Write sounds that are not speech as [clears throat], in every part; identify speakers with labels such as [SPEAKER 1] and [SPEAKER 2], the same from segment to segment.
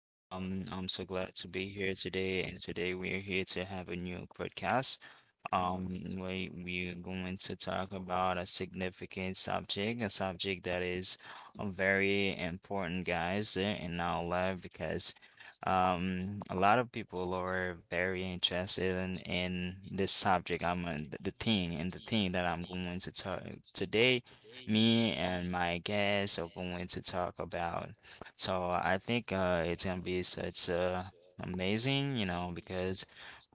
[SPEAKER 1] I'm so glad to be here today, and today we're here to have a new podcast. Um, we're going to talk about a significant subject, a subject that is very important, guys, in our life because a lot of people are very interested in this subject. I'm the thing that I'm going to talk today. Me and my guests are going to talk about. So I think it's gonna be such a amazing, you know, because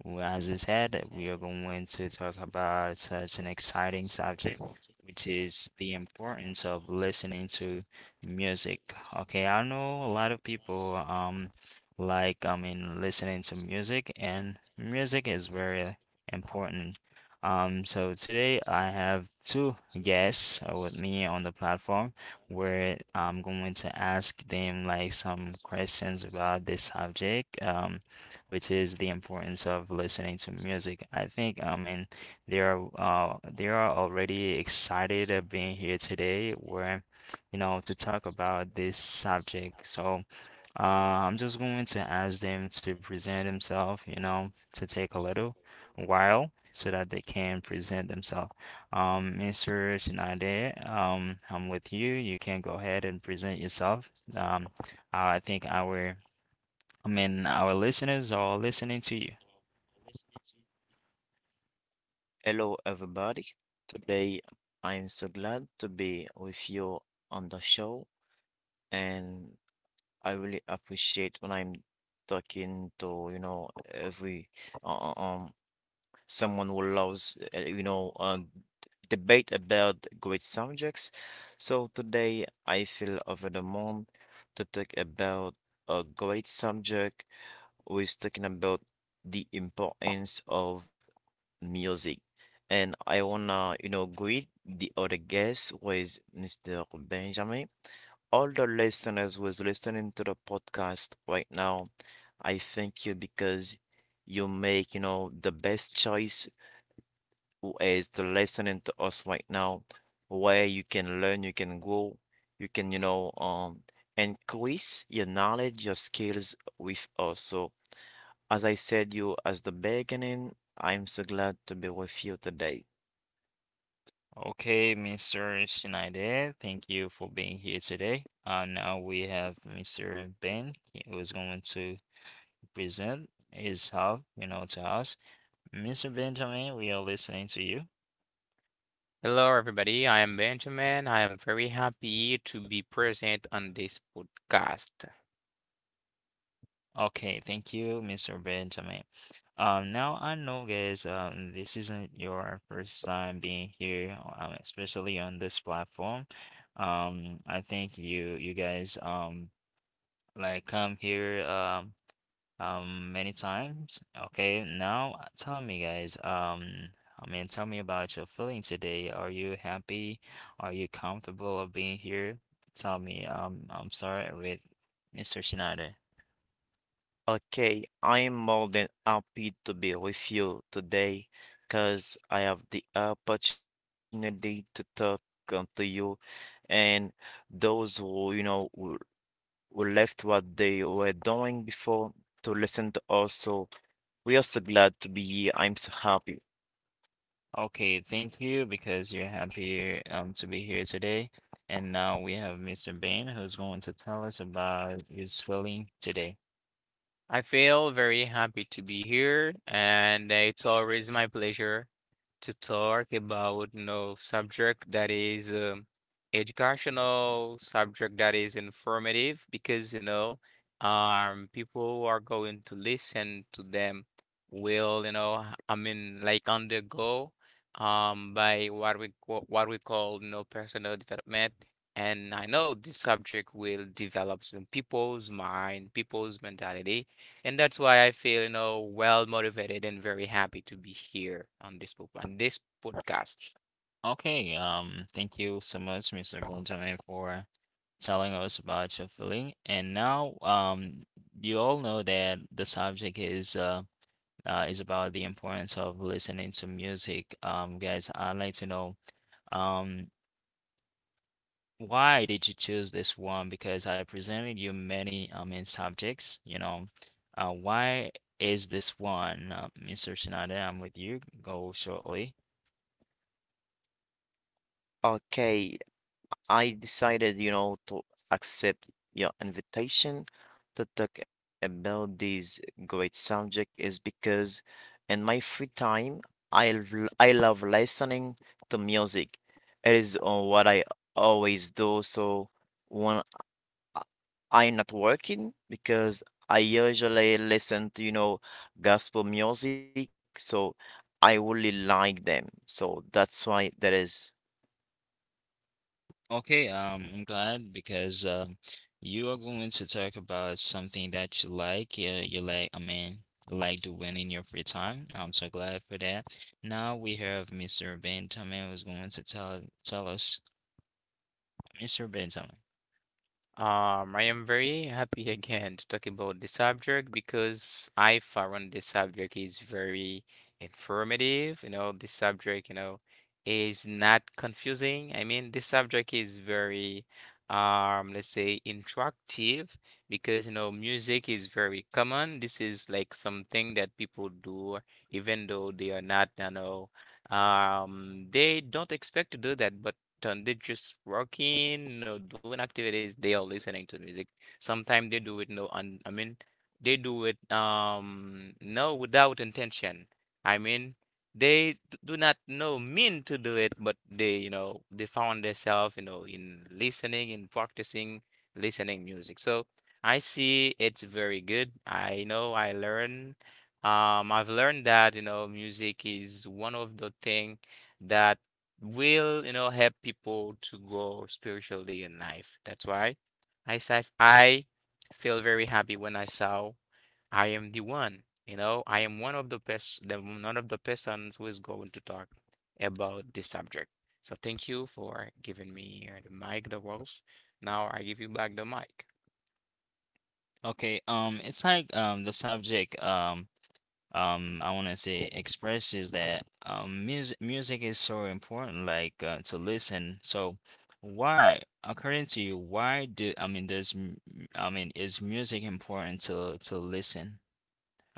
[SPEAKER 1] well, as I said, we are going to talk about such an exciting subject, which is the importance of listening to music. Okay, I know a lot of people like I mean listening to music, and music is very important. So today I have two guests with me on the platform where I'm going to ask them like some questions about this subject. Which is the importance of listening to music. I think, I mean, they are already excited of being here today where, you know, to talk about this subject. So, I'm just going to ask them to present themselves, you know, to take a little while so that they can present themselves. Mr. Shinade, I'm with you. You can go ahead and present yourself. Um, I think our I mean, our listeners are listening to you.
[SPEAKER 2] Hello, everybody. Today, I'm so glad to be with you on the show, and I really appreciate when I'm talking to, every uh, uh, um someone who loves, debate about great subjects. So today, I feel over the moon to talk about a great subject was talking about the importance of music. And I wanna, greet the other guest was Mr. Benjamin. All the listeners who is listening to the podcast right now, I thank you because you make, the best choice who is to listening to us right now, where you can learn, you can grow, you can, increase your knowledge, your skills with us. So as I said you as the beginning, I'm so glad to be with you today.
[SPEAKER 1] Okay, Mr. Schneider, thank you for being here today. Now we have Mr. Ben, who is going to present his help, you know, to us. Mr. Benjamin, we are listening to you.
[SPEAKER 3] Hello, everybody. I am Benjamin. I am very happy to be present on this podcast.
[SPEAKER 1] Okay, thank you, Mr. Benjamin. Now I know, guys, this isn't your first time being here, especially on this platform. Um. I think you guys, like come here many times. Okay, now tell me guys, tell me about your feeling today. Are you happy? Are you comfortable of being here? Tell me. I'm sorry with Mr. Schneider.
[SPEAKER 2] Okay, I am more than happy to be with you today because I have the opportunity to talk to you and those who, you know, who left what they were doing before to listen to us. We are so glad to be here. I'm so happy.
[SPEAKER 1] Okay, thank you because you're happy to be here today. And now we have Mr. Bain who's going to tell us about his feeling today.
[SPEAKER 3] I feel very happy to be here, and it's always my pleasure to talk about subject that is educational, subject that is informative because people who are going to listen to them will I mean like undergo by what we call personal development. And I know this subject will develop some people's mind, people's mentality and that's why I feel, well motivated and very happy to be here on this book on this podcast.
[SPEAKER 1] Okay, thank you so much, Mr. Gonzalez, for telling us about your feeling. And now, you all know that the subject is about the importance of listening to music. Guys, I'd like to know um, why did you choose this one? Because I presented you many in subjects. You know, why is this one, Mr. Shinada? I'm with you. Go shortly.
[SPEAKER 2] Okay, I decided, to accept your invitation to talk about this great subject is because in my free time, I love listening to music. It is what I always do. So when I- I'm not working, because I usually listen to, gospel music, so I really like them. So that's why that is.
[SPEAKER 1] Okay, I'm glad because you are going to talk about something that you like. Yeah, you like, I mean, like doing in your free time. I'm so glad for that. Now we have Mr. Benjamin who's going to tell us, Mr. Benjamin.
[SPEAKER 3] I am very happy again to talk about this subject because I found this subject is very informative. This subject, is not confusing. I mean, this subject is very, let's say, interactive because, music is very common. This is like something that people do, even though they are not, they don't expect to do that, but done. They just working, no doing activities. They are listening to music. Sometimes they do it no un I mean they do it no without intention. I mean they do not know mean to do it, but they they found themselves in listening and practicing listening music. So I see it's very good. I know I learn. I've learned that music is one of the thing that will, help people to grow spiritually in life. That's why I say I feel very happy when I saw I am the one, I am one of the best, the one of the persons who is going to talk about this subject. So thank you for giving me the mic, the words. Now I give you back the mic.
[SPEAKER 1] Okay, it's like the subject I want to say expresses that um, music is so important like to listen. So why according to you why do I mean is music important to listen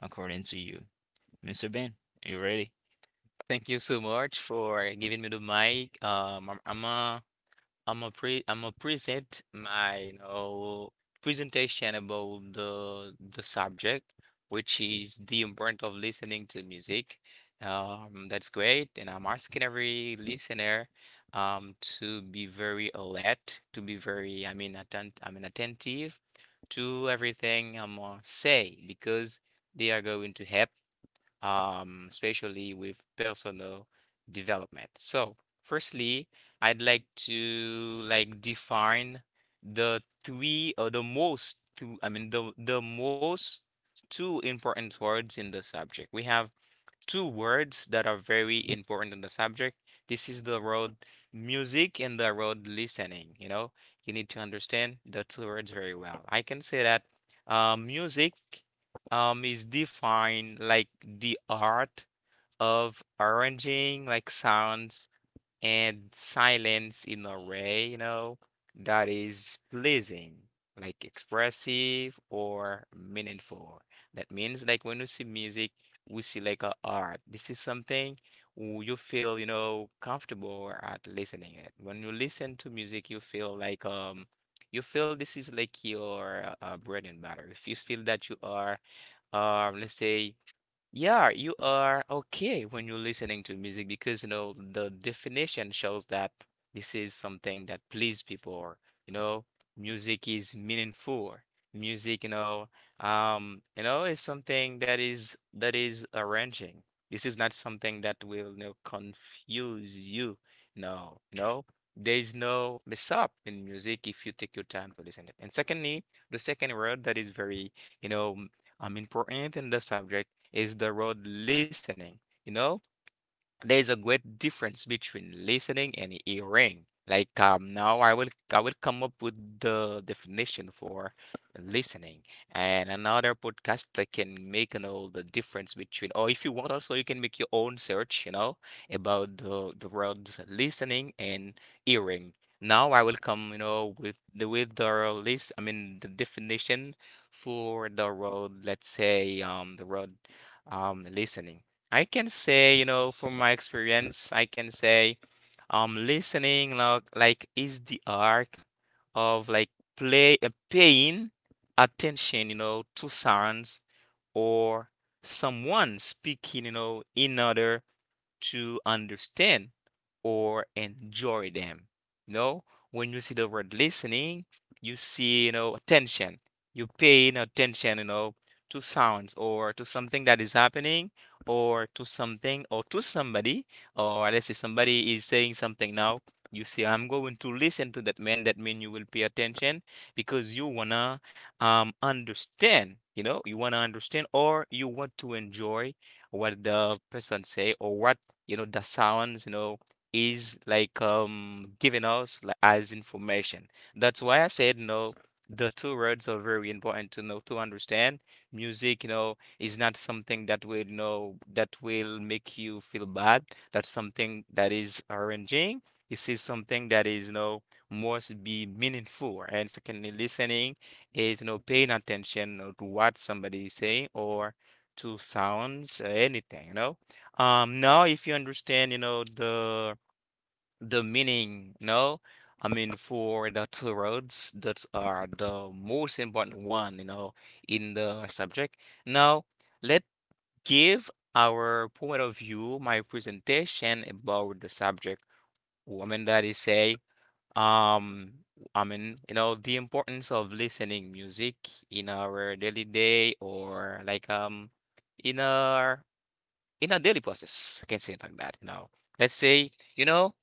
[SPEAKER 1] according to you? Mr. Ben, are you ready?
[SPEAKER 3] Thank you so much for giving me the mic. I'm a present my presentation about the subject, which is the importance of listening to music. That's great, and I'm asking every listener to be very alert, to be very I mean attent I mean attentive to everything I'm gonna say because they are going to help especially with personal development. So, firstly, I'd like to like define the three or the most two, I mean the most two important words in the subject. We have two words that are very important in the subject. This is the word music and the word listening. You need to understand the two words very well. I can say that music is defined like the art of arranging like sounds and silence in a way, that is pleasing, like expressive or meaningful. That means like when we see music, we see like a art. This is something you feel, comfortable at listening it. When you listen to music, you feel like you feel this is like your bread and butter. If you feel that you are let's say, yeah, you are okay when you're listening to music because the definition shows that this is something that please people or you know music is meaningful. Music, is something that is arranging. This is not something that will, confuse you. No, there is no mess up in music if you take your time to listen to it. And secondly, the second word that is very, you know, important in the subject is the word listening. You know, there's a great difference between listening and hearing. Like now I will come up with the definition for listening and another podcast I can make the difference between, or if you want also you can make your own search about the words listening and hearing. Now I will come with the list I mean the definition for the word. Let's say the word listening. I can say, from my experience, listening like is the arc of like play paying attention, to sounds or someone speaking, in order to understand or enjoy them. You know, when you see the word listening, you see, attention. You pay attention, to sounds or to something that is happening or to something or to somebody, or let's say somebody is saying something now. You say, I'm going to listen to that man. That means you will pay attention because you wanna understand, you wanna understand or you want to enjoy what the person say, or what the sounds is like giving us like as information. That's why I said, the two words are very important to know, to understand. Music is not something that will, that will make you feel bad. That's something that is arranging. This is something that is, must be meaningful. And secondly, listening is, paying attention, to what somebody is saying or to sounds or anything. Now, if you understand, the meaning, I mean, for the two roads that are the most important one, in the subject. Now let's give our point of view, my presentation about the subject. I mean that is say, um, I mean, the importance of listening music in our daily day, or like in our in a daily process. I can say it like that. Let's say, you know,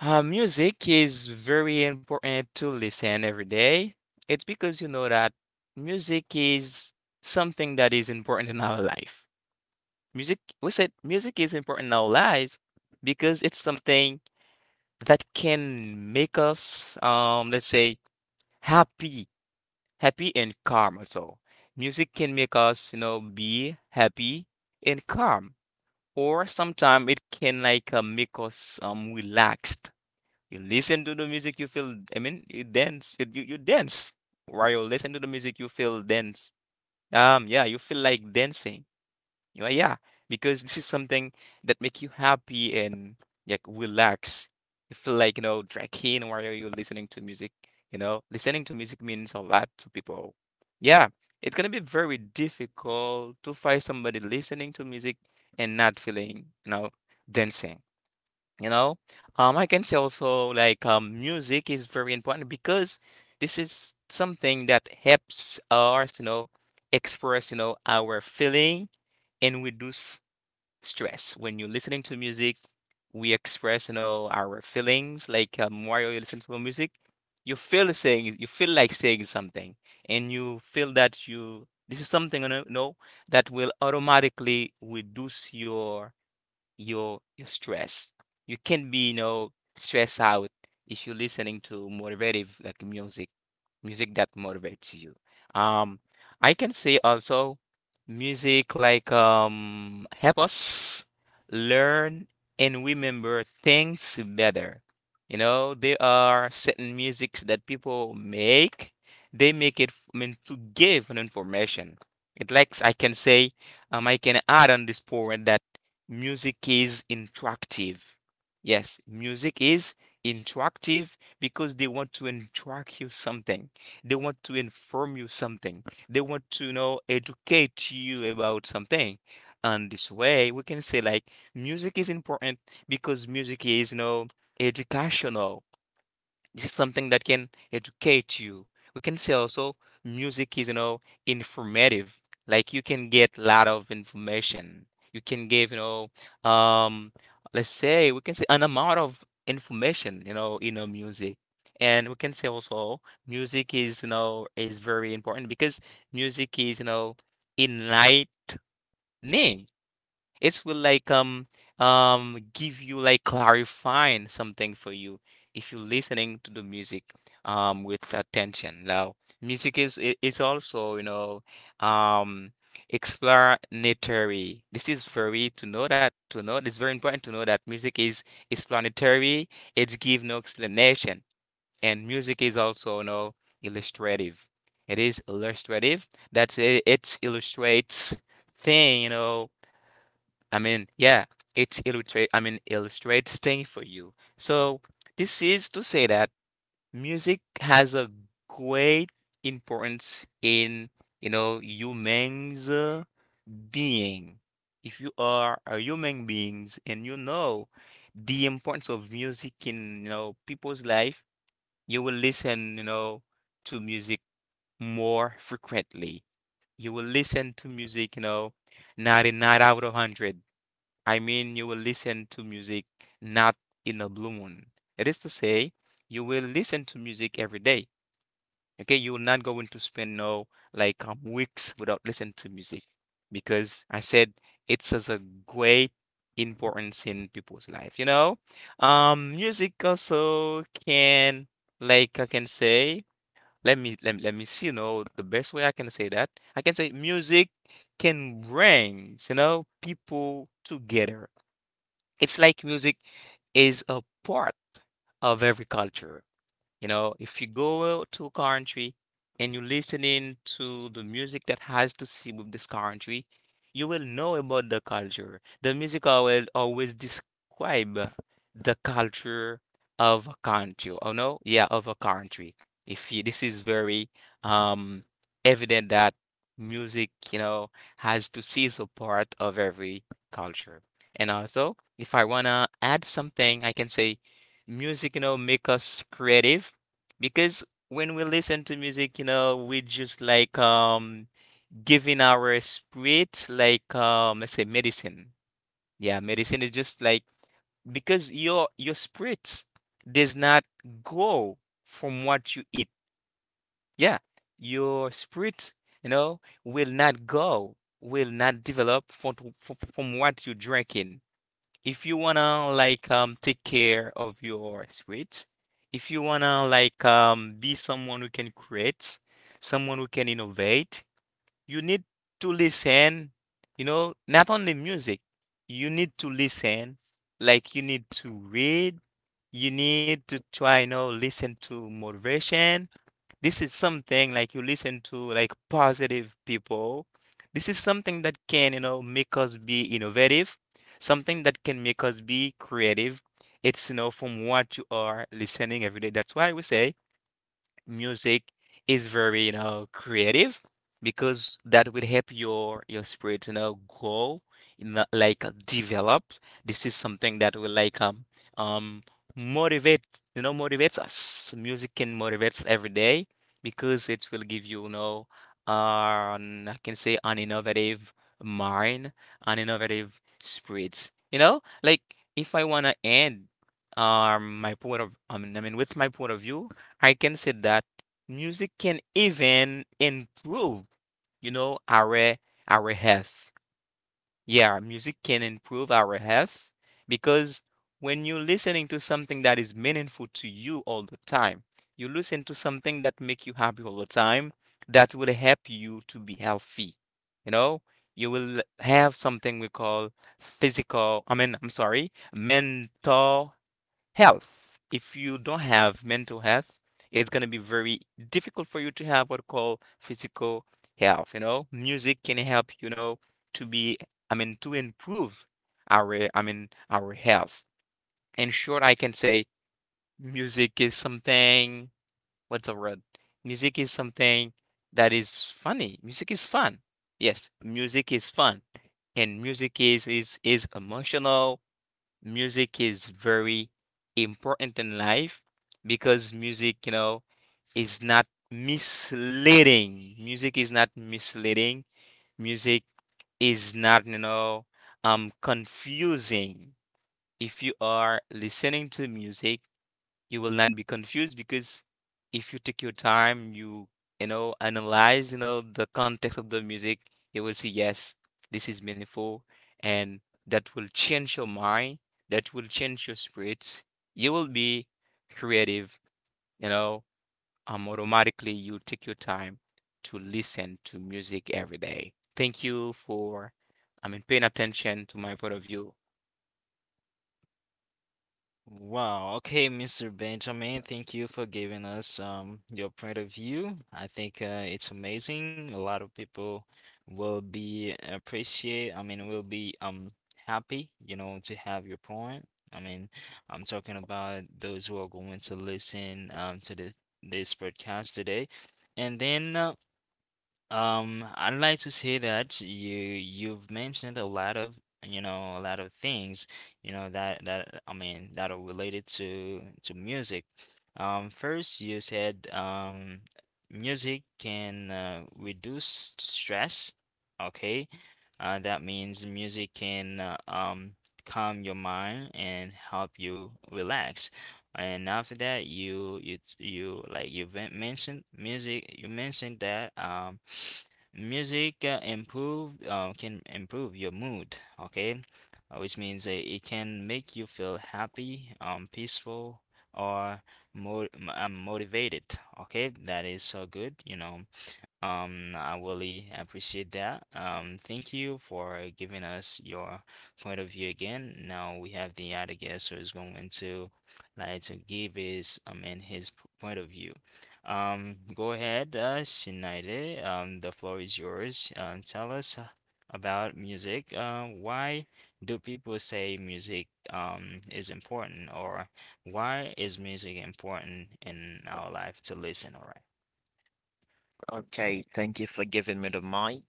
[SPEAKER 3] uh, music is very important to listen every day. It's because that music is something that is important in our life. Music, we said music is important in our lives because it's something that can make us, let's say, happy, happy and calm also. Music can make us, be happy and calm. Or sometimes it can like make us relaxed. You listen to the music, you feel. I mean, you dance. You dance while you listen to the music, you feel dance. Yeah, you feel like dancing. Yeah, yeah, because this is something that make you happy and like relax. You feel like, tracking while you're listening to music. Listening to music means a lot to people. Yeah, it's gonna be very difficult to find somebody listening to music and not feeling, dancing. You know, I can say also like music is very important because this is something that helps us, express, our feeling and we do stress. When you're listening to music, we express, our feelings. Like Mario, you listen to music, you feel saying, you feel like saying something, and you feel that you this is something, that will automatically reduce your stress. You can not be, stressed out if you're listening to motivative like music, music that motivates you. Um, I can say also music like help us learn and remember things better. There are certain musics that people make. They make I mean to give an information. It likes I can say, I can add on this point that music is interactive. Yes, music is interactive because they want to instruct you something. They want to inform you something. They want to, educate you about something. And this way, we can say like music is important because music is, educational. This is something that can educate you. We can say also music is, informative. Like you can get a lot of information. You can give, um, let's say we can say an amount of information, in a music. And we can say also music is very important because music is, enlightening. It will like give you like clarifying something for you if you're listening to the music with attention. Now, music is also, um explanatory. This is very to know that to know it's very important to know that music is explanatory. It give no explanation. And music is also, illustrative. It is illustrative. That's it, it illustrates thing, I mean, yeah, it illustrate I mean illustrates things for you. So this is to say that music has a great importance in humans being. If you are a human beings and you know the importance of music in people's life, you will listen, to music more frequently. You will listen to music, 99 out of 100 I mean, you will listen to music not in a blue moon. It is to say, you will listen to music every day. Okay, you will not going to spend no like weeks without listening to music because I said it's such a great importance in people's life. Music also can, like, I can say. Let me see. The best way I can say that I can say music can bring people together. It's like music is a part of every culture. If you go to a country and you listening to the music that has to see with this country, you will know about the culture. The music will always describe the culture of a country. Oh no, yeah, of a country. If you, this is very um evident that music, has to see is a part of every culture. And also, if I wanna add something, I can say music, make us creative because when we listen to music, we just like giving our spirit like let's say medicine. Yeah, medicine is just like because your spirit does not grow from what you eat. Yeah, your spirit, will not go, will not develop from what you're drinking if you wanna like take care of your spirits, if you wanna like be someone who can create, someone who can innovate, you need to listen, not only music. You need to listen, like you need to read, you need to try, listen to motivation. This is something like you listen to like positive people. This is something that can, make us be innovative, something that can make us be creative. It's, from what you are listening every day. That's why we say music is very, creative because that will help your spirit, grow, like develop. This is something that will like um motivate, motivates us. Music can motivate us every day because it will give you, an I can say an innovative mind, an innovative spirit. Like if I wanna end my point of I mean with my point of view, I can say that music can even improve, you know, our our health. Yeah, music can improve our health because when you're listening to something that is meaningful to you all the time, you listen to something that make you happy all the time, that will help you to be healthy. You know, you will have something we call physical, I mean, I'm sorry, mental health. If you don't have mental health, it's going to be very difficult for you to have what we call physical health. Music can help, to be, I mean, to improve our, I mean, our health. In short, I can say music is something, what's the word? Music is something that is funny. Music is fun. Yes, music is fun. And music is emotional. Music is very important in life because music, is not misleading. Music is not misleading. Music is not, confusing. If you are listening to music, you will not be confused because if you take your time, you know analyze the context of the music, you will see yes, this is meaningful, and that will change your mind, that will change your spirits. You will be creative, you know. Automatically, you take your time to listen to music every day. Thank you for, I mean, paying attention to my point of view.
[SPEAKER 1] Wow. Okay, Mr. Benjamin, thank you for giving us your point of view. I think it's amazing. A lot of people will be appreciate, I mean, will be happy, you know, to have your point. I mean, I'm talking about those who are going to listen to this podcast today. And then I'd like to say that you've mentioned a lot of you know a lot of things you know that that I mean that are related to music. First you said music can reduce stress. Okay, that means music can calm your mind and help you relax. And after that, you like you mentioned music. You mentioned that [sniffs] music improved can improve your mood. Okay, which means it can make you feel happy, peaceful, or motivated. Okay, that is so good. You know, I really appreciate that. Thank you for giving us your point of view again. Now we have the other guest who is going to like to give his point of view. Go ahead, Shinade. The floor is yours. Tell us about music. Why do people say music is important, or why is music important in our life to listen? All.
[SPEAKER 2] Okay, thank you for giving me the mic.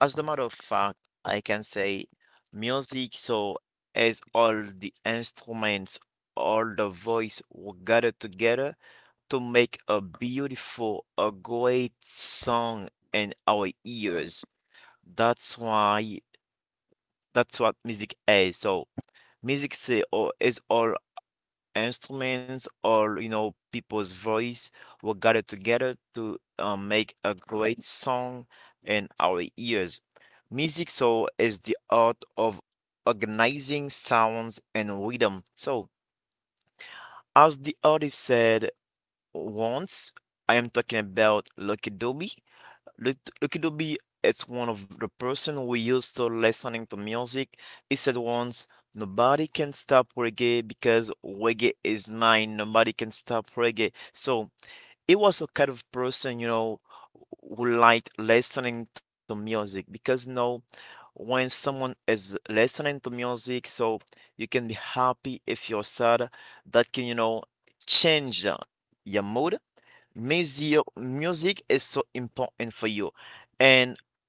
[SPEAKER 2] As a matter of fact, I can say music so as all the instruments, all the voice were gathered together to make a beautiful, a great song in our ears. That's why that's what music is. So music say or is all instruments or you know people's voice were gathered together to make a great song in our ears. Music so is the art of organizing sounds and rhythm. So as the artist said once, I am talking about Lucky Dube. Lucky Dube is one of the person who used to listening to music. He said once, nobody can stop reggae because reggae is mine. Nobody can stop reggae. So he was a kind of person, you know, who liked listening to music because you know when someone is listening to music, so you can be happy if you're sad. That can, you know, change your mood. Music, music is so important for you, and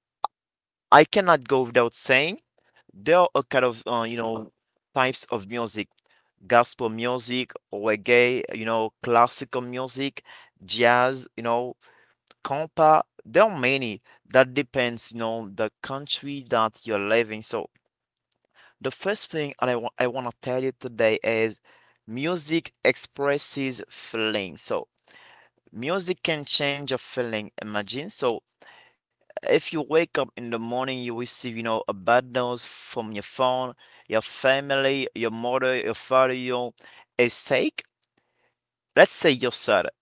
[SPEAKER 2] I cannot go without saying there are a kind of types of music: gospel music, reggae, you know, classical music, jazz, you know, compa. There are many. That depends, you know, the country that you're living. So the first thing I want to tell you today is music expresses feelings. So music can change your feeling. Imagine so if you wake up in the morning, you receive, you know, a bad news from your phone, your family, your mother, your father, you is sick. Let's say you're sad.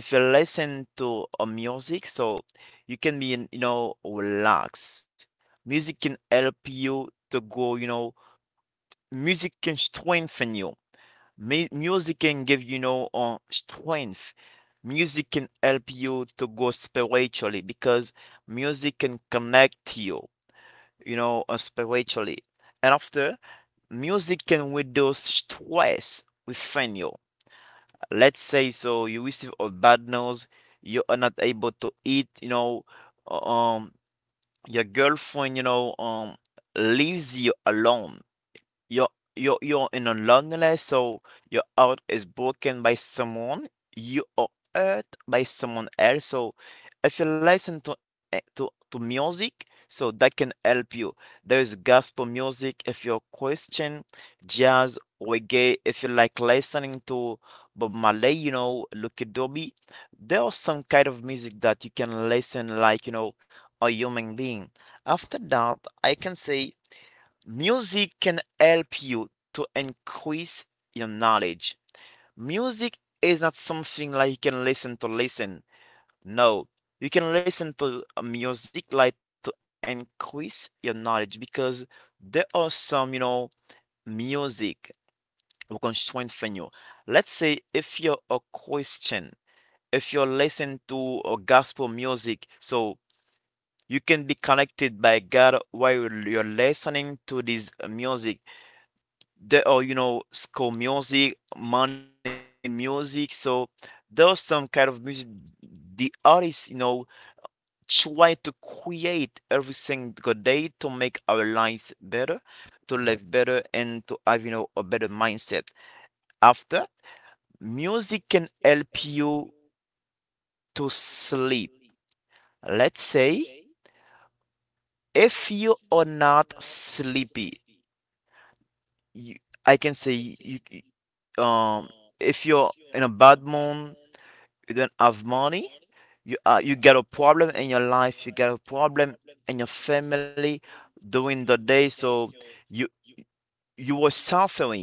[SPEAKER 2] If you listen to a music, so you can be, you know, relaxed. Music can help you to go, you know, music can strengthen you. Music can give, you know, strength. Music can help you to go spiritually because music can connect you you know, spiritually. And after, music can reduce stress within you. Let's say so you receive a bad news, you are not able to eat, uh, um, your girlfriend, leaves you alone you're you're in a loneliness, so your heart is broken by someone, you are hurt by someone else. So if you listen to to music, so that can help you. There is gospel music if you're Christian, jazz, reggae. If you like listening to Bob Marley, you know, Lucky Dube, there are some kind of music that you can listen like you know a human being. After that, I can say music can help you to increase your knowledge. Music is not something like you can listen to listen. No, you can listen to music like to increase your knowledge because there are some, you know, music who can strengthen you. Let's say if you're a Christian, if you're listening to a gospel music, so you can be connected by God while you're listening to this music. There are you know school music money music so there's some kind of music the artists you know try to create everything single day to make our lives better to live better and to have you know a better mindset. After, music can help you to sleep. Let's say if you are not sleepy you, I can say um if you're in a bad mood you don't have money, you you get a problem in your life, you get a problem in your family during the day, so you you were suffering.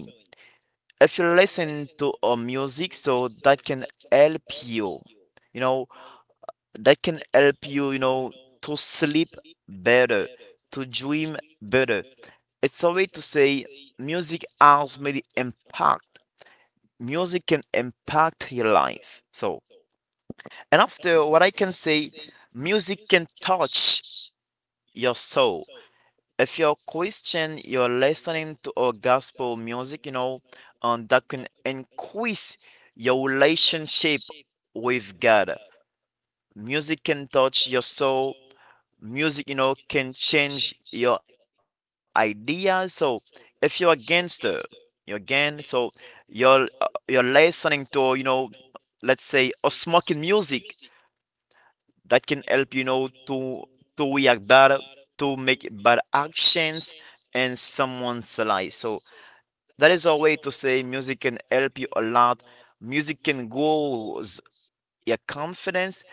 [SPEAKER 2] If you listen to music, so that can help you, you know, that can help you, you know, to sleep better, to dream better. It's a way to say music has made impact. Music can impact your life. So and after what I can say, music can touch your soul. If you're Christian, you're listening to our gospel music, you know, and that can increase your relationship with God. Music can touch your soul. Music, you know, can change your ideas. So if you're a gangster, you're gang, so you're uh, you're listening to, you know, let's say, or smoking music that can help you know to react better to make better actions in someone's life so that is a way to say music can help you a lot. Music can grow your confidence.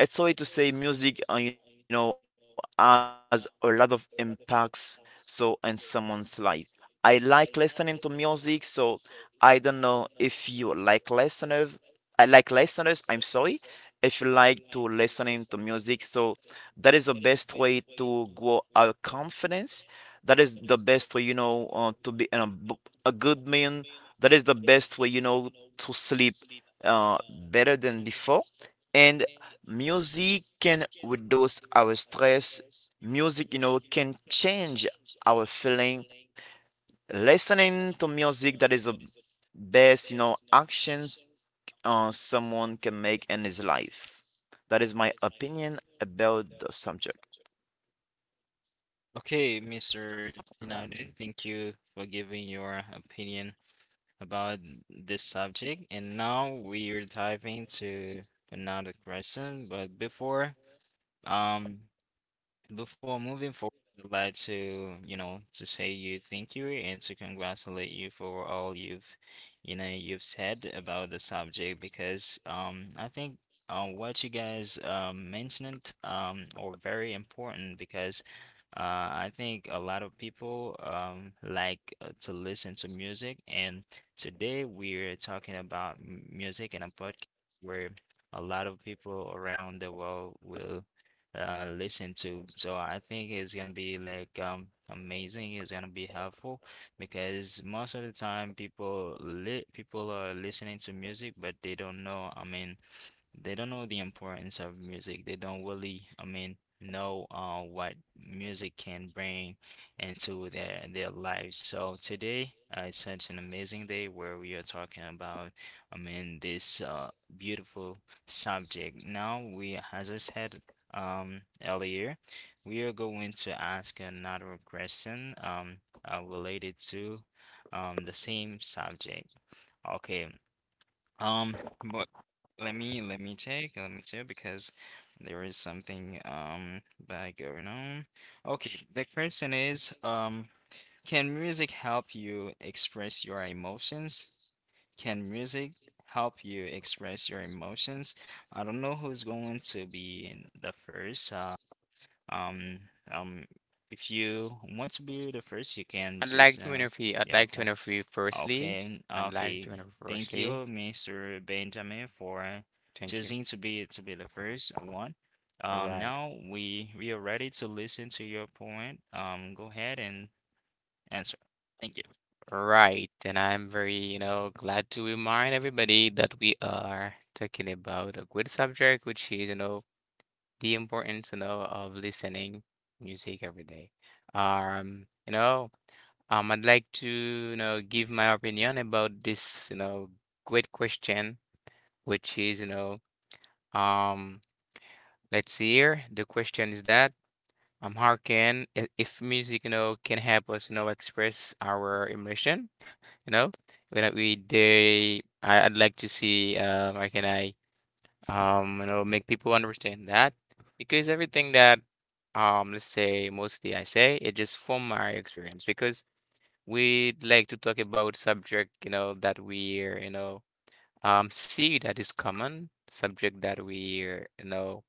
[SPEAKER 2] It's a way to say music, you know, has a lot of impacts. So in someone's life, I like listening to music. So I don't know if you like listeners. I like listeners. I'm sorry. If you like to listening to music, so that is the best way to grow our confidence. That is the best way, you know, to be a good man. That is the best way, you know, to sleep better than before. And music can reduce our stress. Music, you know, can change our feeling. Listening to music that is the best, you know, actions someone can make in his life. That is my opinion about the subject.
[SPEAKER 1] Okay, Mr. United, thank you for giving your opinion about this subject. And now we are diving to another question. But before, um, before moving forward, I'd like to, you know, to say you thank you and to congratulate you for all you've, you know, you've said about the subject because I think what you guys mentioned are very important because uh I think a lot of people like to listen to music and today we're talking about music in a podcast where a lot of people around the world will listen to. So I think it's gonna be like amazing. It's gonna be helpful because most of the time people are listening to music, but they don't know. I mean, they don't know the importance of music. They don't really, I mean, know what music can bring into their lives. So today, it's such an amazing day where we are talking about, I mean, this beautiful subject. Now we, as I said, earlier, we are going to ask another question related to the same subject. Okay, um, but let me take because there is something bad going on. Okay, the question is can music help you express your emotions? Can music help you express your emotions? I don't know who's going to be the first. Um, um, if you want to be the first, you can
[SPEAKER 3] I'd
[SPEAKER 1] just,
[SPEAKER 3] like to interview. I'd
[SPEAKER 1] yeah,
[SPEAKER 3] like to
[SPEAKER 1] okay.
[SPEAKER 3] interview firstly.
[SPEAKER 1] Okay,
[SPEAKER 3] I'd like
[SPEAKER 1] okay.
[SPEAKER 3] to interview
[SPEAKER 1] Thank
[SPEAKER 3] firstly.
[SPEAKER 1] you, Mr. Benjamin, for
[SPEAKER 3] Thank you.
[SPEAKER 1] choosing to be the first one.
[SPEAKER 3] All right.
[SPEAKER 1] Now we are ready to listen to your point. Go ahead and answer. Thank you.
[SPEAKER 3] All right. And I'm very, glad to remind everybody that we are talking about a good subject, which is, the importance, of listening music every day. Um, you know, I'd like to, give my opinion about this, great question, which is, um, let's see here. The question is that, how can if music, can help us, express our emotion, you know, when I'd like to see, how can I make people understand that because everything that, let's say mostly I say, it just from my experience because we like to talk about subject, that we're, C, that is common subject that we, uh, you know,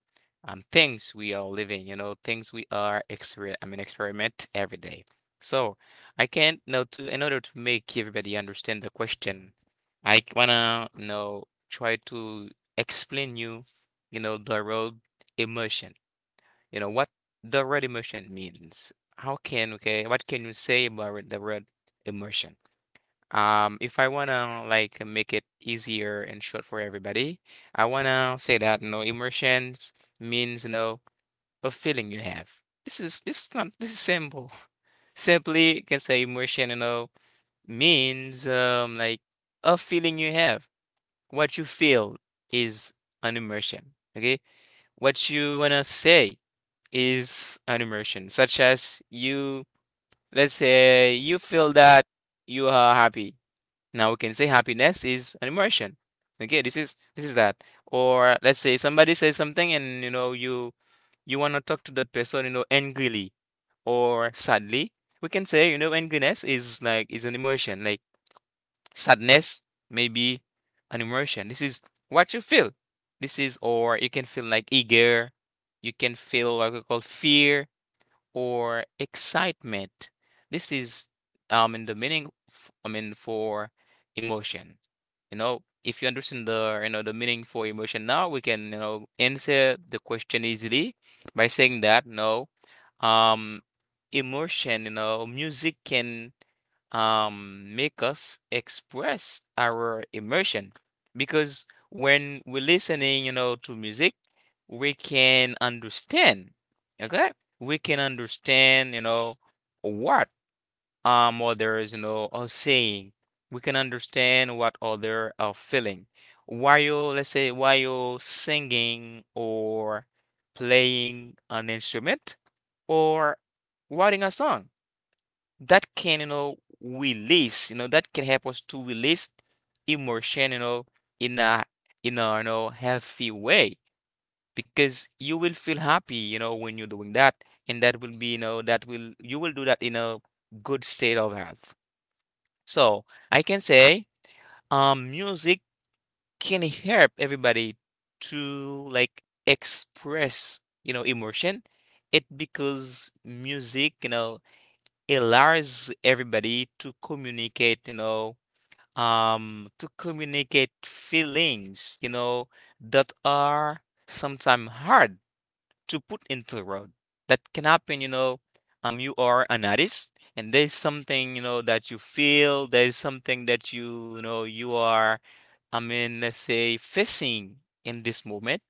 [SPEAKER 3] um, things we are living, things we are exper I mean, experiment every day. So I can't know to in order to make everybody understand the question, I wanna try to explain you, the road emotion. You know what the road emotion means. How can Okay? What can you say about the road emotion? If I wanna like make it easier and short for everybody, I wanna say that no immersions means no a feeling you have. This is not this is simple. [laughs] Simply you can say immersion, means like a feeling you have. What you feel is an immersion. Okay? What you wanna say is an immersion, such as you, let's say, you feel that you are happy. Now we can say happiness is an emotion. Okay, this is, this is that. Or let's say somebody says something and you know you want to talk to that person, angrily or sadly. We can say, angriness is like is an emotion. Like sadness may be an emotion. This is what you feel. This is Or you can feel like eager. You can feel what we call fear or excitement. This is in the meaning I mean for emotion. If you understand the meaning for emotion now, we can answer the question easily by saying that no, um, emotion. Music can make us express our emotion because when we're listening, to music, we can understand, okay? We can understand, what others, are saying. We can understand what other are feeling. While you, let's say, while you're singing or playing an instrument or writing a song that can, release, that can help us to release emotion, in a healthy way. Because you will feel happy, when you're doing that. And that will be, you know, that will you will do that in a good state of health. So I can say music can help everybody to like express, emotion. It because music, allows everybody to communicate, to communicate feelings, that are sometimes hard to put into word. That can happen, you are an artist and there's something, that you feel, there's something that you know, you are I mean, let's say facing in this moment,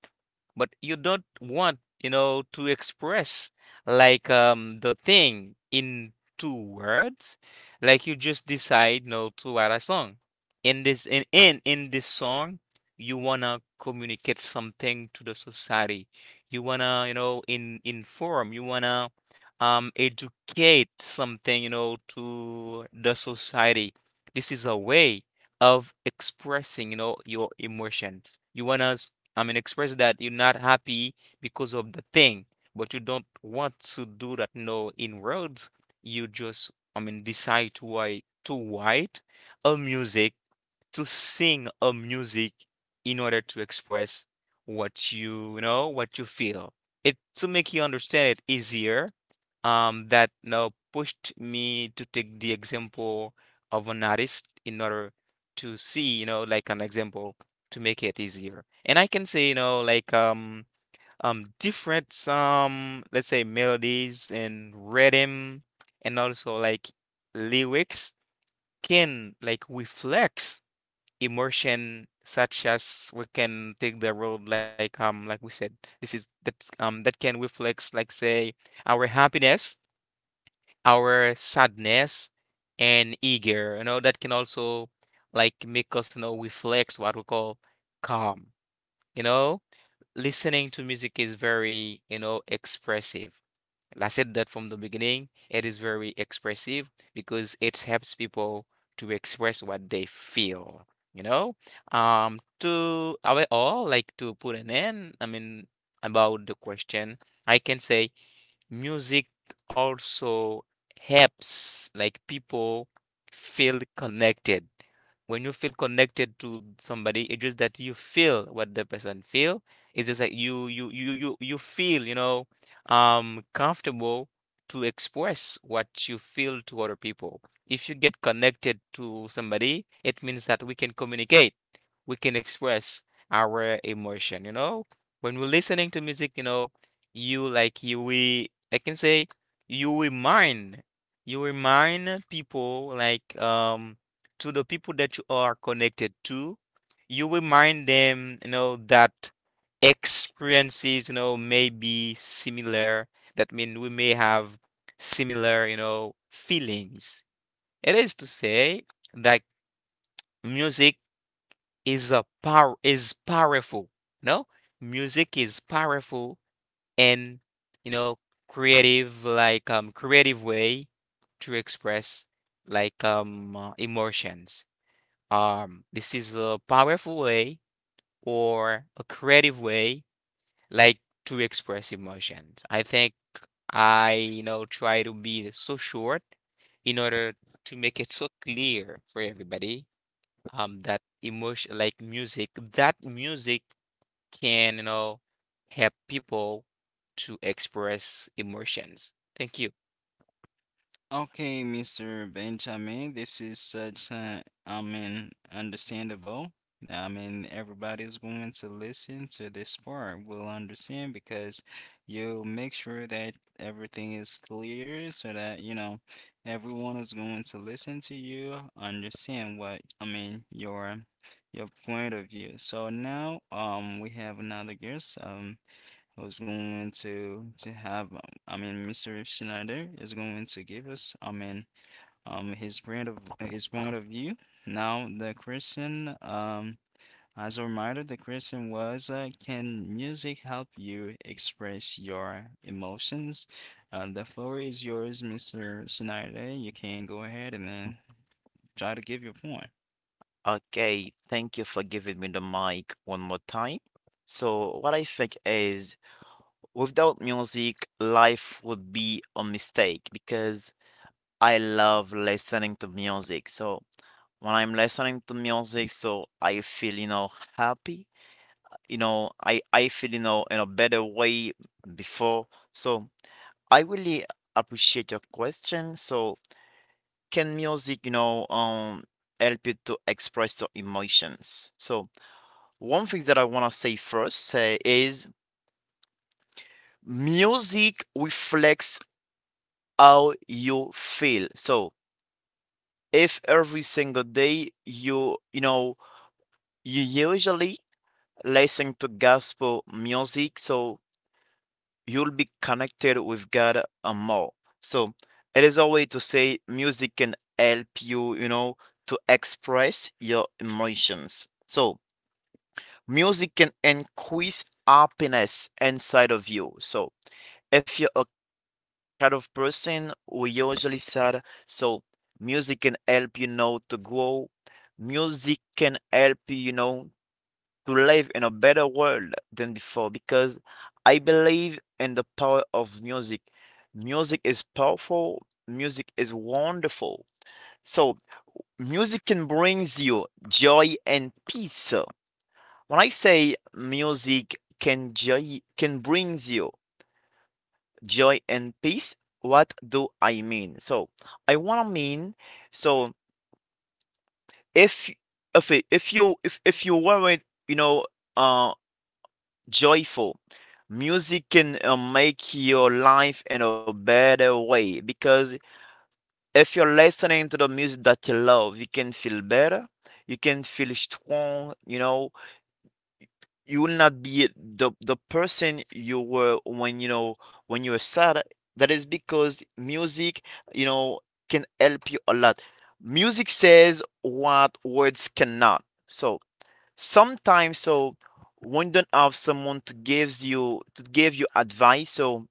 [SPEAKER 3] but you don't want, to express like the thing in two words. Like you just decide, to write a song. In this song, you wanna communicate something to the society. You wanna, you know, in inform, you wanna educate something, to the society. This is a way of expressing, your emotion. You want to, I mean, express that you're not happy because of the thing, but you don't want to do that, no, in words. You just, I mean, decide to write a music to sing a music in order to express what you, what you feel. It to make you understand it easier. That now pushed me to take the example of an artist in order to see, like an example to make it easier. And I can say, like different some, let's say, melodies and rhythm and also like lyrics can like reflect emotion, such as we can take the road like we said, this is that that can reflect, like, say our happiness, our sadness and eager. That can also like make us reflect what we call calm. You know listening to music is very, expressive. I said that from the beginning. It is very expressive because it helps people to express what they feel, you know? To our all, like to put an end, I mean, about the question, I can say music also helps like people feel connected. When you feel connected to somebody, it's just that you feel what the person feel. It's just like you feel, you know, comfortable to express what you feel to other people. If you get connected to somebody, it means that we can communicate. We can express our emotion, you know? When we're listening to music, you know, you like you will I can say you remind you remind people to the people that you are connected to, you remind them, you know, that experiences, you know, may be similar. That means we may have similar, you know, feelings. It is to say that music is powerful. No, music is powerful and, you know, creative way to express emotions. Um, this is a powerful way or a creative way like to express emotions. I think I you know, try to be so short in order to make it so clear for everybody. That music can, you know, help people to express emotions. Thank you.
[SPEAKER 1] Okay, Mr. Benjamin, this is such a, I mean, understandable. I mean, everybody's going to listen to this part will understand because you make sure that everything is clear so that, you know, everyone is going to listen to you, understand what, I mean, your point of view. So now, we have another guest. Who's going to have I mean Mr. Schneider is going to give us I mean his brand of his point of view. Now the question as a reminder the question was can music help you express your emotions? The floor is yours, Mr. Schneider. You can go ahead and then try to give your point.
[SPEAKER 2] Okay, thank you for giving me the mic one more time. So, what I think is without music, life would be a mistake because I love listening to music. So, when I'm listening to music, so I feel, you know, happy. You know, I feel, you know, in a better way before. So, I really appreciate your question. So, can music, help you to express your emotions? So, one thing that I want to say first is music reflects how you feel. So, if every single day you, you know, you usually listen to gospel music, so you'll be connected with God and more. So it is a way to say music can help you, you know, to express your emotions. So music can increase happiness inside of you. So if you're a kind of person who usually sad, so music can help you know to grow. Music can help you, you know, to live in a better world than before because I believe in the power of music. Music is powerful, music is wonderful. So, music can bring you joy and peace. When I say music can joy can bring you joy and peace, what do I mean? So, I wanna mean so if if if you weren't you know uh joyful. Music can make your life in a better way because if you're listening to the music that you love, you can feel better, you can feel strong, you know, you will not be the person you were when you know when you were sad. That is because music, you know, can help you a lot. Music says what words cannot. So sometimes so when you don't have someone to give you advice so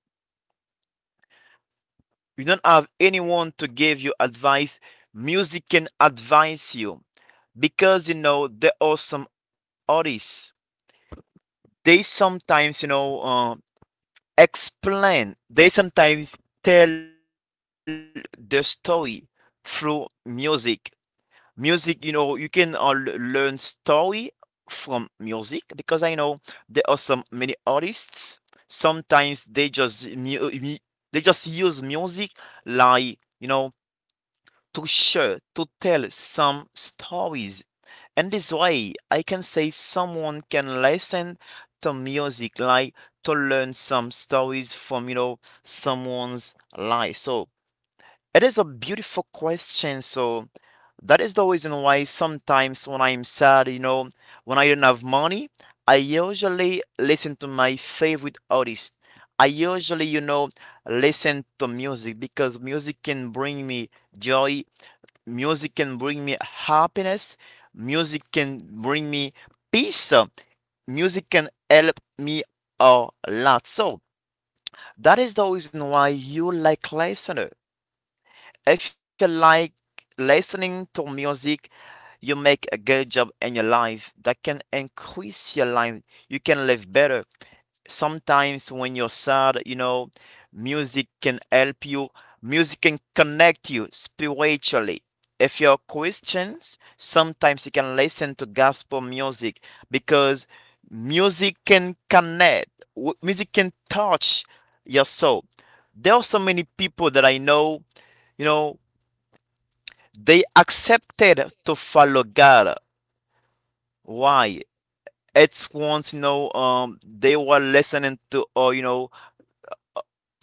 [SPEAKER 2] you don't have anyone to give you advice music can advise you because you know there are some artists they sometimes you know explain they sometimes tell the story through music. Music you know you can all learn story from music because I know there are some many artists sometimes they just they just use music like you know to tell some stories and this way I can say someone can listen to music like to learn some stories from you know someone's life so it is a beautiful question. So that is the reason why sometimes when I'm sad, you know, when I don't have money, I usually listen to my favorite artist. I usually, listen to music because music can bring me joy, music can bring me happiness, music can bring me peace, music can help me a lot. So that is the reason why you like listener if you like listening to music, you make a good job in your life that can increase your life. You can live better. Sometimes when you're sad, you know, music can help you. Music can connect you spiritually. If you're Christians, sometimes you can listen to gospel music because music can connect. Music can touch your soul. There are so many people that I know, you know, they accepted to follow God. Why? It's once, they were listening to,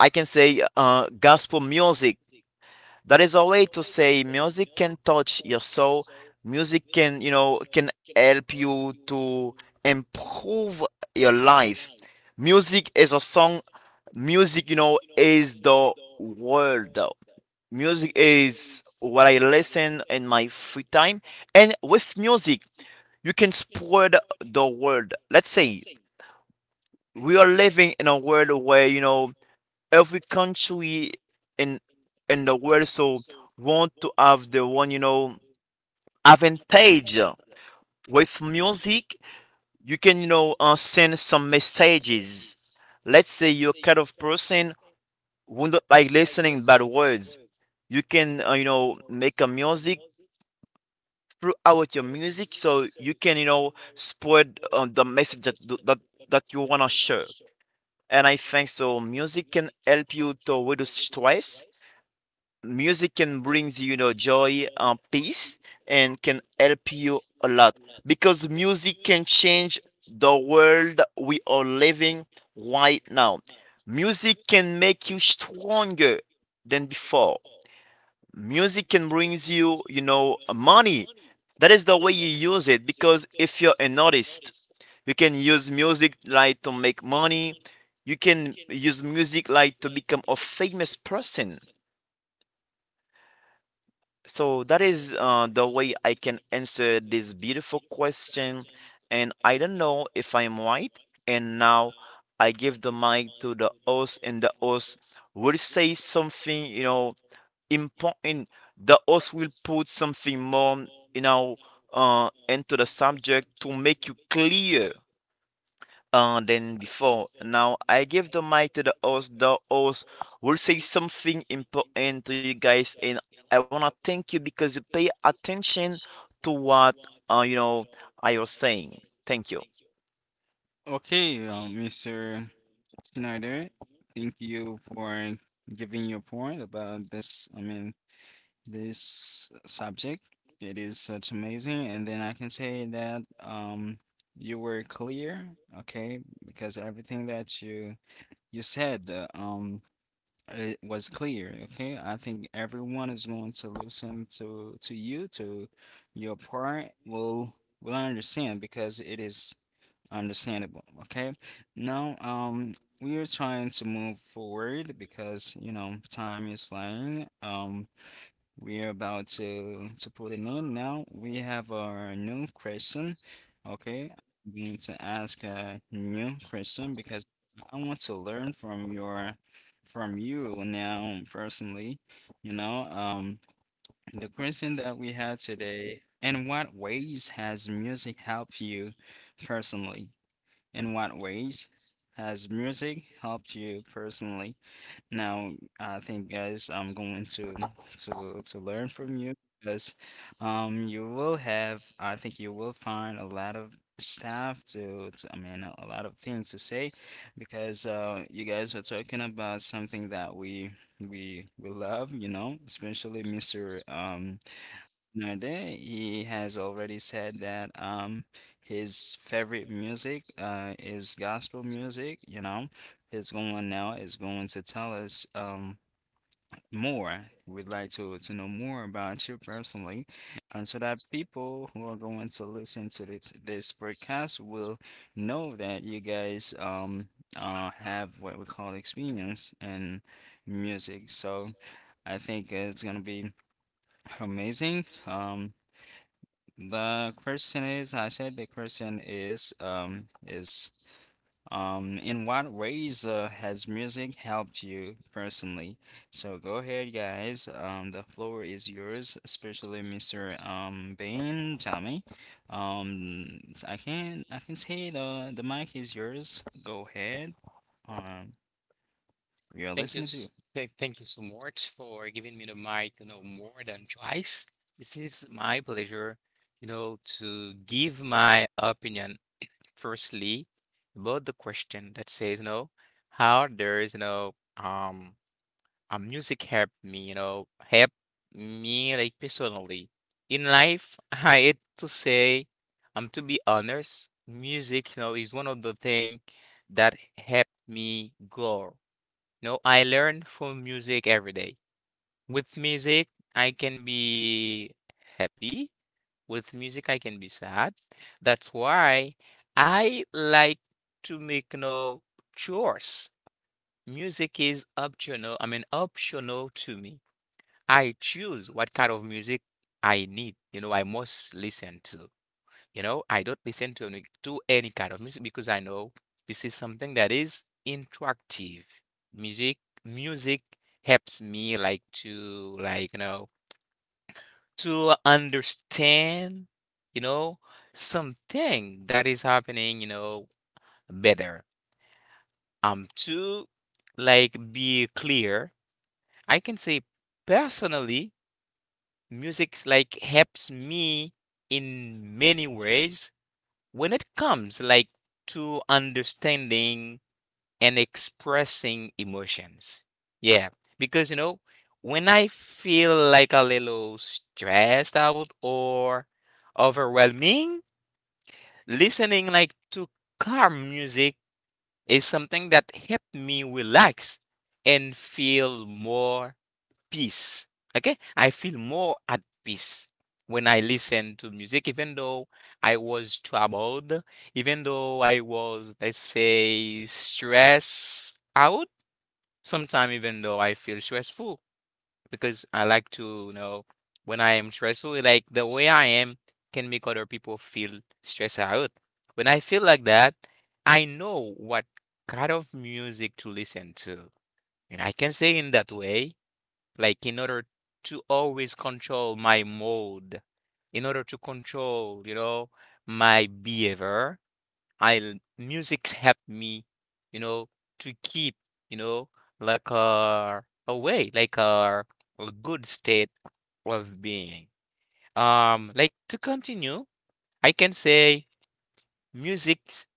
[SPEAKER 2] I can say gospel music. That is a way to say music can touch your soul. Music can, can help you to improve your life. Music is a song. Music, is the world. Music is what I listen in my free time. And with music, you can spread the word. Let's say we are living in a world where, you know, every country in in the world so want to have the one you know advantage. With music you can, send some messages. Let's say you're kind of person who not like listening bad words. You can, make a music throughout your music so you can, you know, spread the message that, that you want to share. And I think so music can help you to reduce stress. Music can brings, you know, joy, peace, and can help you a lot because music can change the world we are living right now. Music can make you stronger than before. Music can brings you, you know, money. That is the way you use it, because if you're an artist you can use music like to make money. You can use music like to become a famous person. So that is the way I can answer this beautiful question. And I don't know if I'm right. And now I give the mic to the host, and the host will say something, you know, important. The host will put something more, you know, into the subject to make you clear than before. Now I give the mic to the host. The host will say something important to you guys, and I wanna thank you because you pay attention to what, uh, you know I was saying. Thank you.
[SPEAKER 1] Okay, Mr. Schneider, thank you for giving your point about this. I mean, this subject. It is such amazing. And then I can say that you were clear, okay? Because everything that you said it was clear, okay? I think everyone is going to listen to you, to your part will understand because it is understandable, okay? Now, we are trying to move forward because, you know, time is flying. We are about to put it in now. We have our new question. Okay, I'm going to ask a new question because I want to learn from your from you now personally. You know, the question that we had today, in what ways has music helped you personally? In what ways has music helped you personally? Now, I think, guys, I'm going to learn from you because you will have, I think you will find a lot of stuff to I mean, a lot of things to say because you guys are talking about something that we love, you know, especially Mr. Nade, he has already said that his favorite music is gospel music, you know. His going now is going to tell us more. We'd like to know more about you personally, and so that people who are going to listen to this podcast will know that you guys have what we call experience in music. So I think it's gonna be amazing. The question is, I said the question is, in what ways has music helped you personally? So go ahead, guys. The floor is yours, especially Mr. Bain, Tommy. I can say the mic is yours. Go ahead. Um, we are
[SPEAKER 3] Thank you,
[SPEAKER 1] listening to you.
[SPEAKER 3] thank you so much for giving me the mic, you know, more than twice. This is my pleasure, you know, to give my opinion firstly about the question that says, you know, how there's, you know, um, music helped me, you know, helped me like personally. In life, [laughs] I hate to say, to be honest, music, you know, is one of the things that helped me grow. You know, I learn from music every day. With music, I can be happy. With music, I can be sad. That's why I like to make, no know, chores. Music is optional, I mean, optional to me. I choose what kind of music I need, you know, I must listen to. You know, I don't listen to any kind of music because I know this is something that is interactive. Music, Music helps me like, you know, to understand, you know, something that is happening, you know, better. To like be clear, I can say personally music's like helps me in many ways when it comes like to understanding and expressing emotions. Yeah, because you know, when I feel like a little stressed out or overwhelming, listening like to calm music is something that helps me relax and feel more peace. Okay, I feel more at peace when I listen to music, even though I was troubled, even though I was, let's say, stressed out. Sometimes, even though I feel stressful, because I like to, you know, when I am stressful, like the way I am can make other people feel stressed out. When I feel like that, I know what kind of music to listen to. And I can say in that way like in order to always control my mood, in order to control, you know, my behavior. I, Music help me, you know, to keep, you know, like uh away, a good state of being. Like to continue, I can say music s-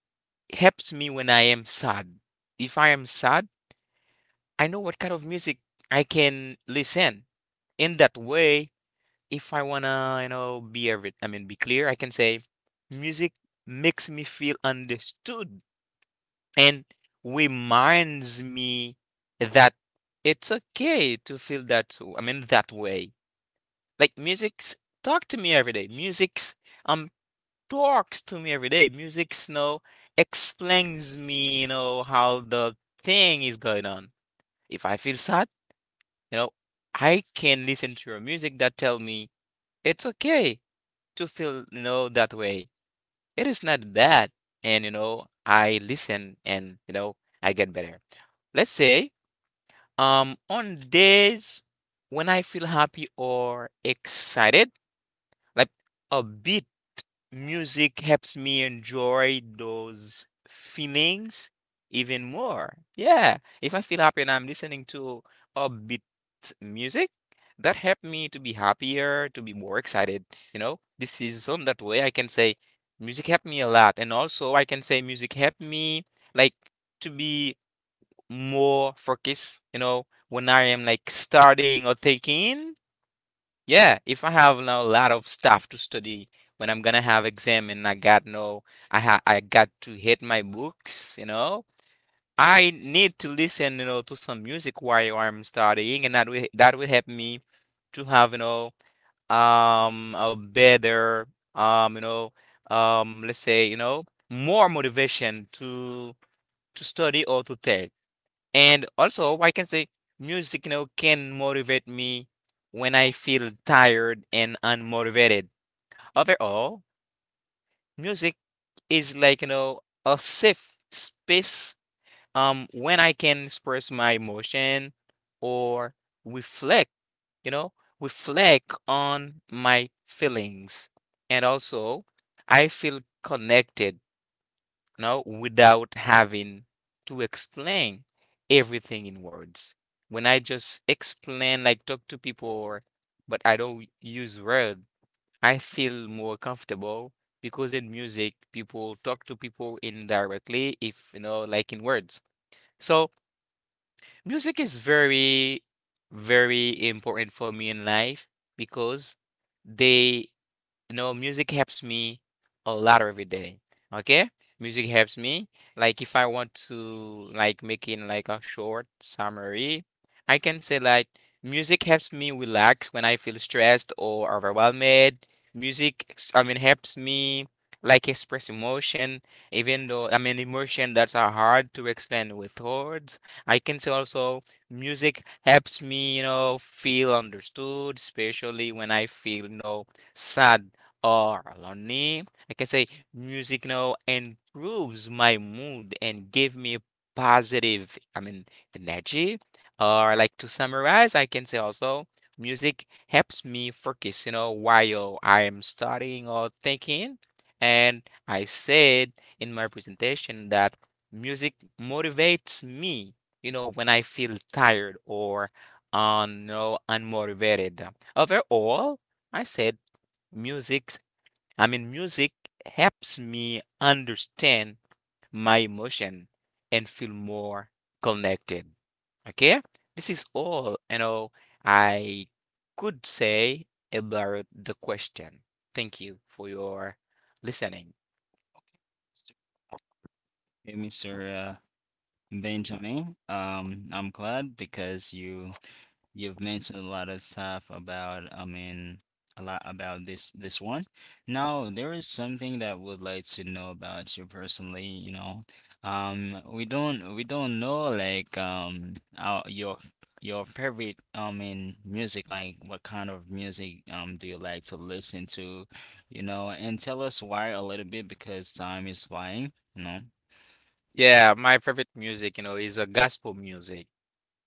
[SPEAKER 3] helps me when I am sad. If I am sad, I know what kind of music I can listen. In that way, if I wanna, you know, be every, I mean, be clear, I can say music makes me feel understood and reminds me that it's okay to feel that, I mean, that way. Like music's talk to me every day. Music's um talks to me every day. Music's, you know, explains me, you know, how the thing is going on. If I feel sad, you know, I can listen to your music that tell me it's okay to feel, you know, that way. It is not bad. And, you know, I listen and, you know, I get better. Let's say, on days when I feel happy or excited, like a bit music helps me enjoy those feelings even more. Yeah, if I feel happy and I'm listening to upbeat music, that helped me to be happier, to be more excited. You know, this is on that way I can say music helped me a lot, and also I can say music helped me like to be more focused. You know, when I am like studying or thinking. Yeah, if I have now a lot of stuff to study when I'm gonna have exam and I got no, I got to hit my books, you know. I need to listen, you know, to some music while I'm studying, and that will help me to have, you know, a better, you know, let's say, you know, more motivation to study or to take. And also, I can say music, you know, can motivate me when I feel tired and unmotivated. Overall, music is like, you know, a safe space when I can express my emotion or reflect, you know, reflect on my feelings. And also, I feel connected no, without having to explain everything in words. When I just explain, like talk to people, or, but I don't use word, I feel more comfortable because in music, people talk to people indirectly, if you know, like in words. So music is very, very important for me in life because they you know, music helps me a lot every day. Okay? Music helps me. Like if I want to like making like a short summary, I can say like music helps me relax when I feel stressed or overwhelmed. Music, I mean, helps me like express emotion, even though I mean emotion that are hard to explain with words. I can say also music helps me, you know, feel understood, especially when I feel, you know, sad or lonely. I can say music now improves my mood and give me positive, I mean, energy. Or like to summarize, I can say also music helps me focus, you know, while I am studying or thinking. And I said in my presentation that music motivates me, you know, when I feel tired or un, no, unmotivated. Overall, I said music I mean, music helps me understand my emotion and feel more connected. Okay? This is all, you know, I could say about the question. Thank you for your listening.
[SPEAKER 1] Hey, Mr. Benjamin, I'm glad because you've mentioned a lot of stuff about, I mean, a lot about this this one. Now, there is something that I would like to know about you personally, you know. We don't know like your favorite, I mean, music, like what kind of music do you like to listen to, you know, and tell us why a little bit because time is flying, you know.
[SPEAKER 3] Yeah, my favorite music, you know, is a gospel music.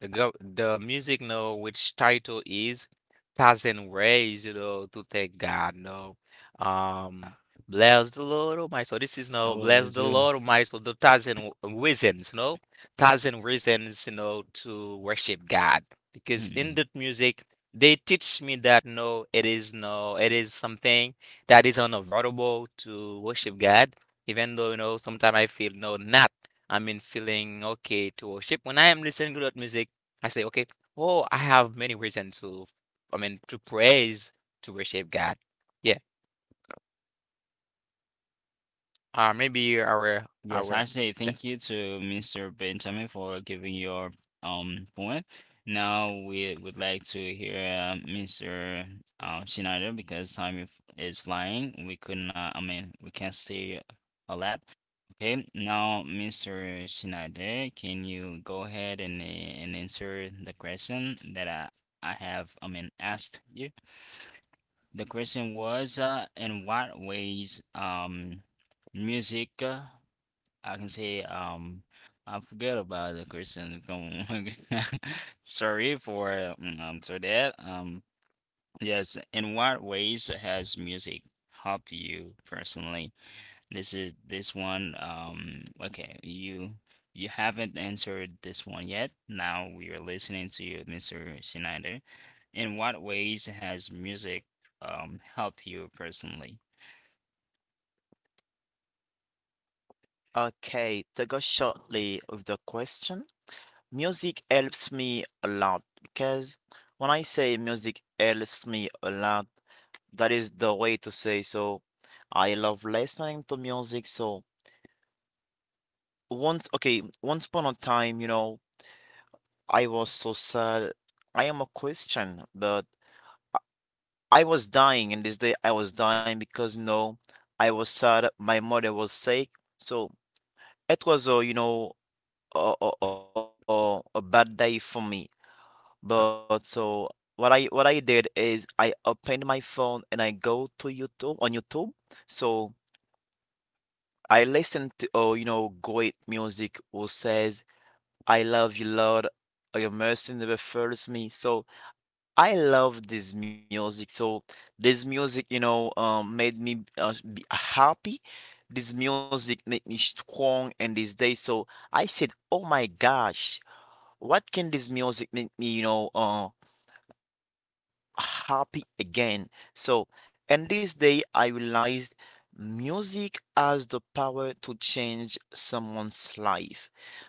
[SPEAKER 3] The music know which title is 1,000 ways, you know, to thank God. No, um, bless the Lord, oh my soul. This is no
[SPEAKER 1] Oh, it
[SPEAKER 3] bless
[SPEAKER 1] is
[SPEAKER 3] the
[SPEAKER 1] good.
[SPEAKER 3] Lord, oh my soul. The thousand w- reasons, no, 1,000 reasons, you know, to worship God. Because in that music, they teach me that no, it is no, it is something that is unavoidable to worship God. Even though you know, sometimes I feel no, not. I mean, feeling okay to worship. When I am listening to that music, I say, okay, oh, I have many reasons to, I mean, to praise, to worship God. Yeah, maybe
[SPEAKER 1] Yes,
[SPEAKER 3] our
[SPEAKER 1] actually,
[SPEAKER 3] thing.
[SPEAKER 1] thank you to Mr. Benjamin for giving your point. Now we would like to hear Mr. Schneider because time is flying. We could not, I mean, we can't say a lot. Okay, now Mr. Schneider, can you go ahead and answer the question that I have, I mean, asked you? The question was, in what ways music I can say I forgot about the question. Don't- [laughs] Sorry for for that. Yes, in what ways has music helped you personally? This is this one okay, you haven't answered this one yet. Now we are listening to you, Mr. Schneider. In what ways has music helped you personally?
[SPEAKER 2] Okay, to go shortly with the question, music helps me a lot because when I say music helps me a lot, that is the way to say so. I love listening to music. So once, okay, once upon a time, you know, I was so sad. I am a Christian, but I was dying, and this day I was dying because, you know, I was sad. My mother was sick, so it was a, you know, a bad day for me. But so what I did is I opened my phone and I go to YouTube on YouTube. So I listen to oh, you know, great music who says I love you, Lord, or your mercy never fails me. So I love this music. So this music, made me be happy. This music made me strong in this day. So I said, oh my gosh, what can this music make me, happy again. So, and this day, I realized music has the power to change someone's life.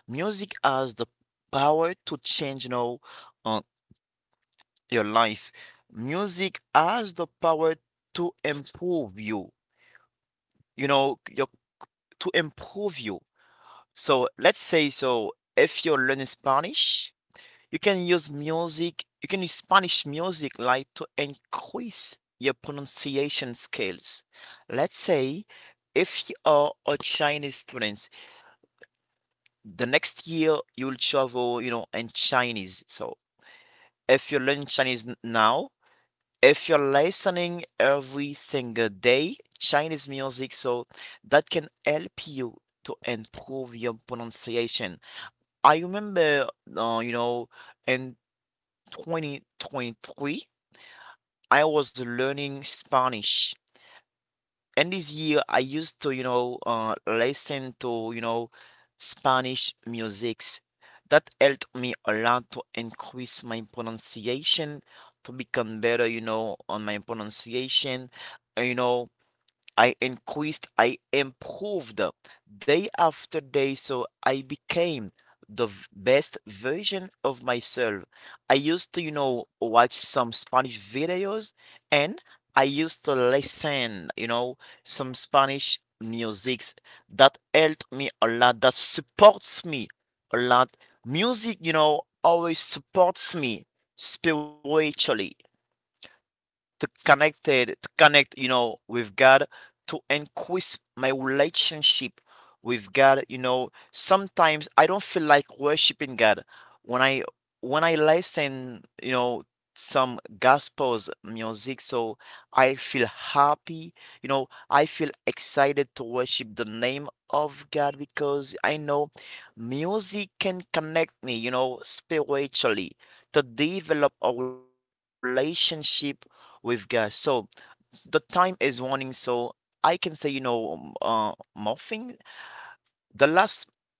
[SPEAKER 2] Music has the power to change, uh, your life. Music has the power to improve you, you know, your, to improve you. So, let's say so, if you're learning Spanish, you can use music, you can use Spanish music like to increase your pronunciation skills. Let's say if you are a Chinese student, the next year you'll travel, you know, in Chinese. So if you learn Chinese now, if you're listening every single day Chinese music, so that can help you to improve your pronunciation. I remember, in 2023, I was learning Spanish. And this year, I used to, listen to, you know, Spanish musics. That helped me a lot to increase my pronunciation, to become better, you know, on my pronunciation. You know, I increased, I improved day after day. So I became the best version of myself. I used to, you know, watch some Spanish videos, and I used to listen, you know, some Spanish musics that helped me a lot, that supports me a lot. Music, you know, always supports me spiritually to connect, you know, with God, to increase my relationship with God. You know, sometimes I don't feel like worshiping God. When I, when I listen, you know, some gospels music, so I feel happy. You know, I feel excited to worship the name of God because I know music can connect me, you know, spiritually, to develop a relationship with gas. So the time is running. So I can say, morphing. The last,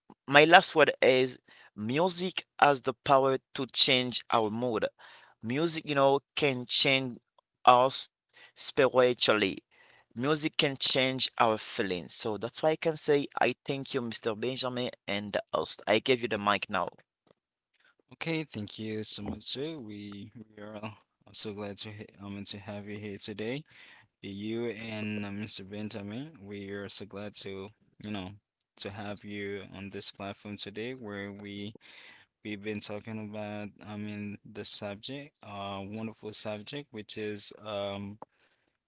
[SPEAKER 2] my last word is music has the power to change our mood. Music, you know, can change us spiritually. Music can change our feelings. So that's why I can say, I thank you, Mr. Benjamin, and the host. I give you the mic now.
[SPEAKER 1] Okay, thank you so much too. We are also glad to to have you here today. You and Mr. Benjamin, we are so glad to you know to have you on this platform today, where we we've been talking about I mean the subject, wonderful subject, which is um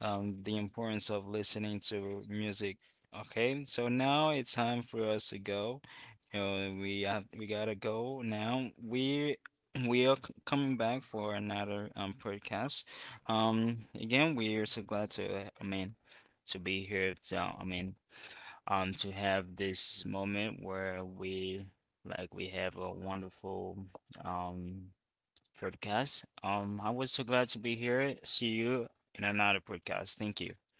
[SPEAKER 1] um, the importance of listening to music. Okay, so now it's time for us to go. You know, we have, we gotta go now. We [clears throat] we are coming back for another podcast. Again, we are so glad to I mean to be here. So I mean, to have this moment where we like we have a wonderful um podcast. I was so glad to be here. See you in another podcast. Thank you.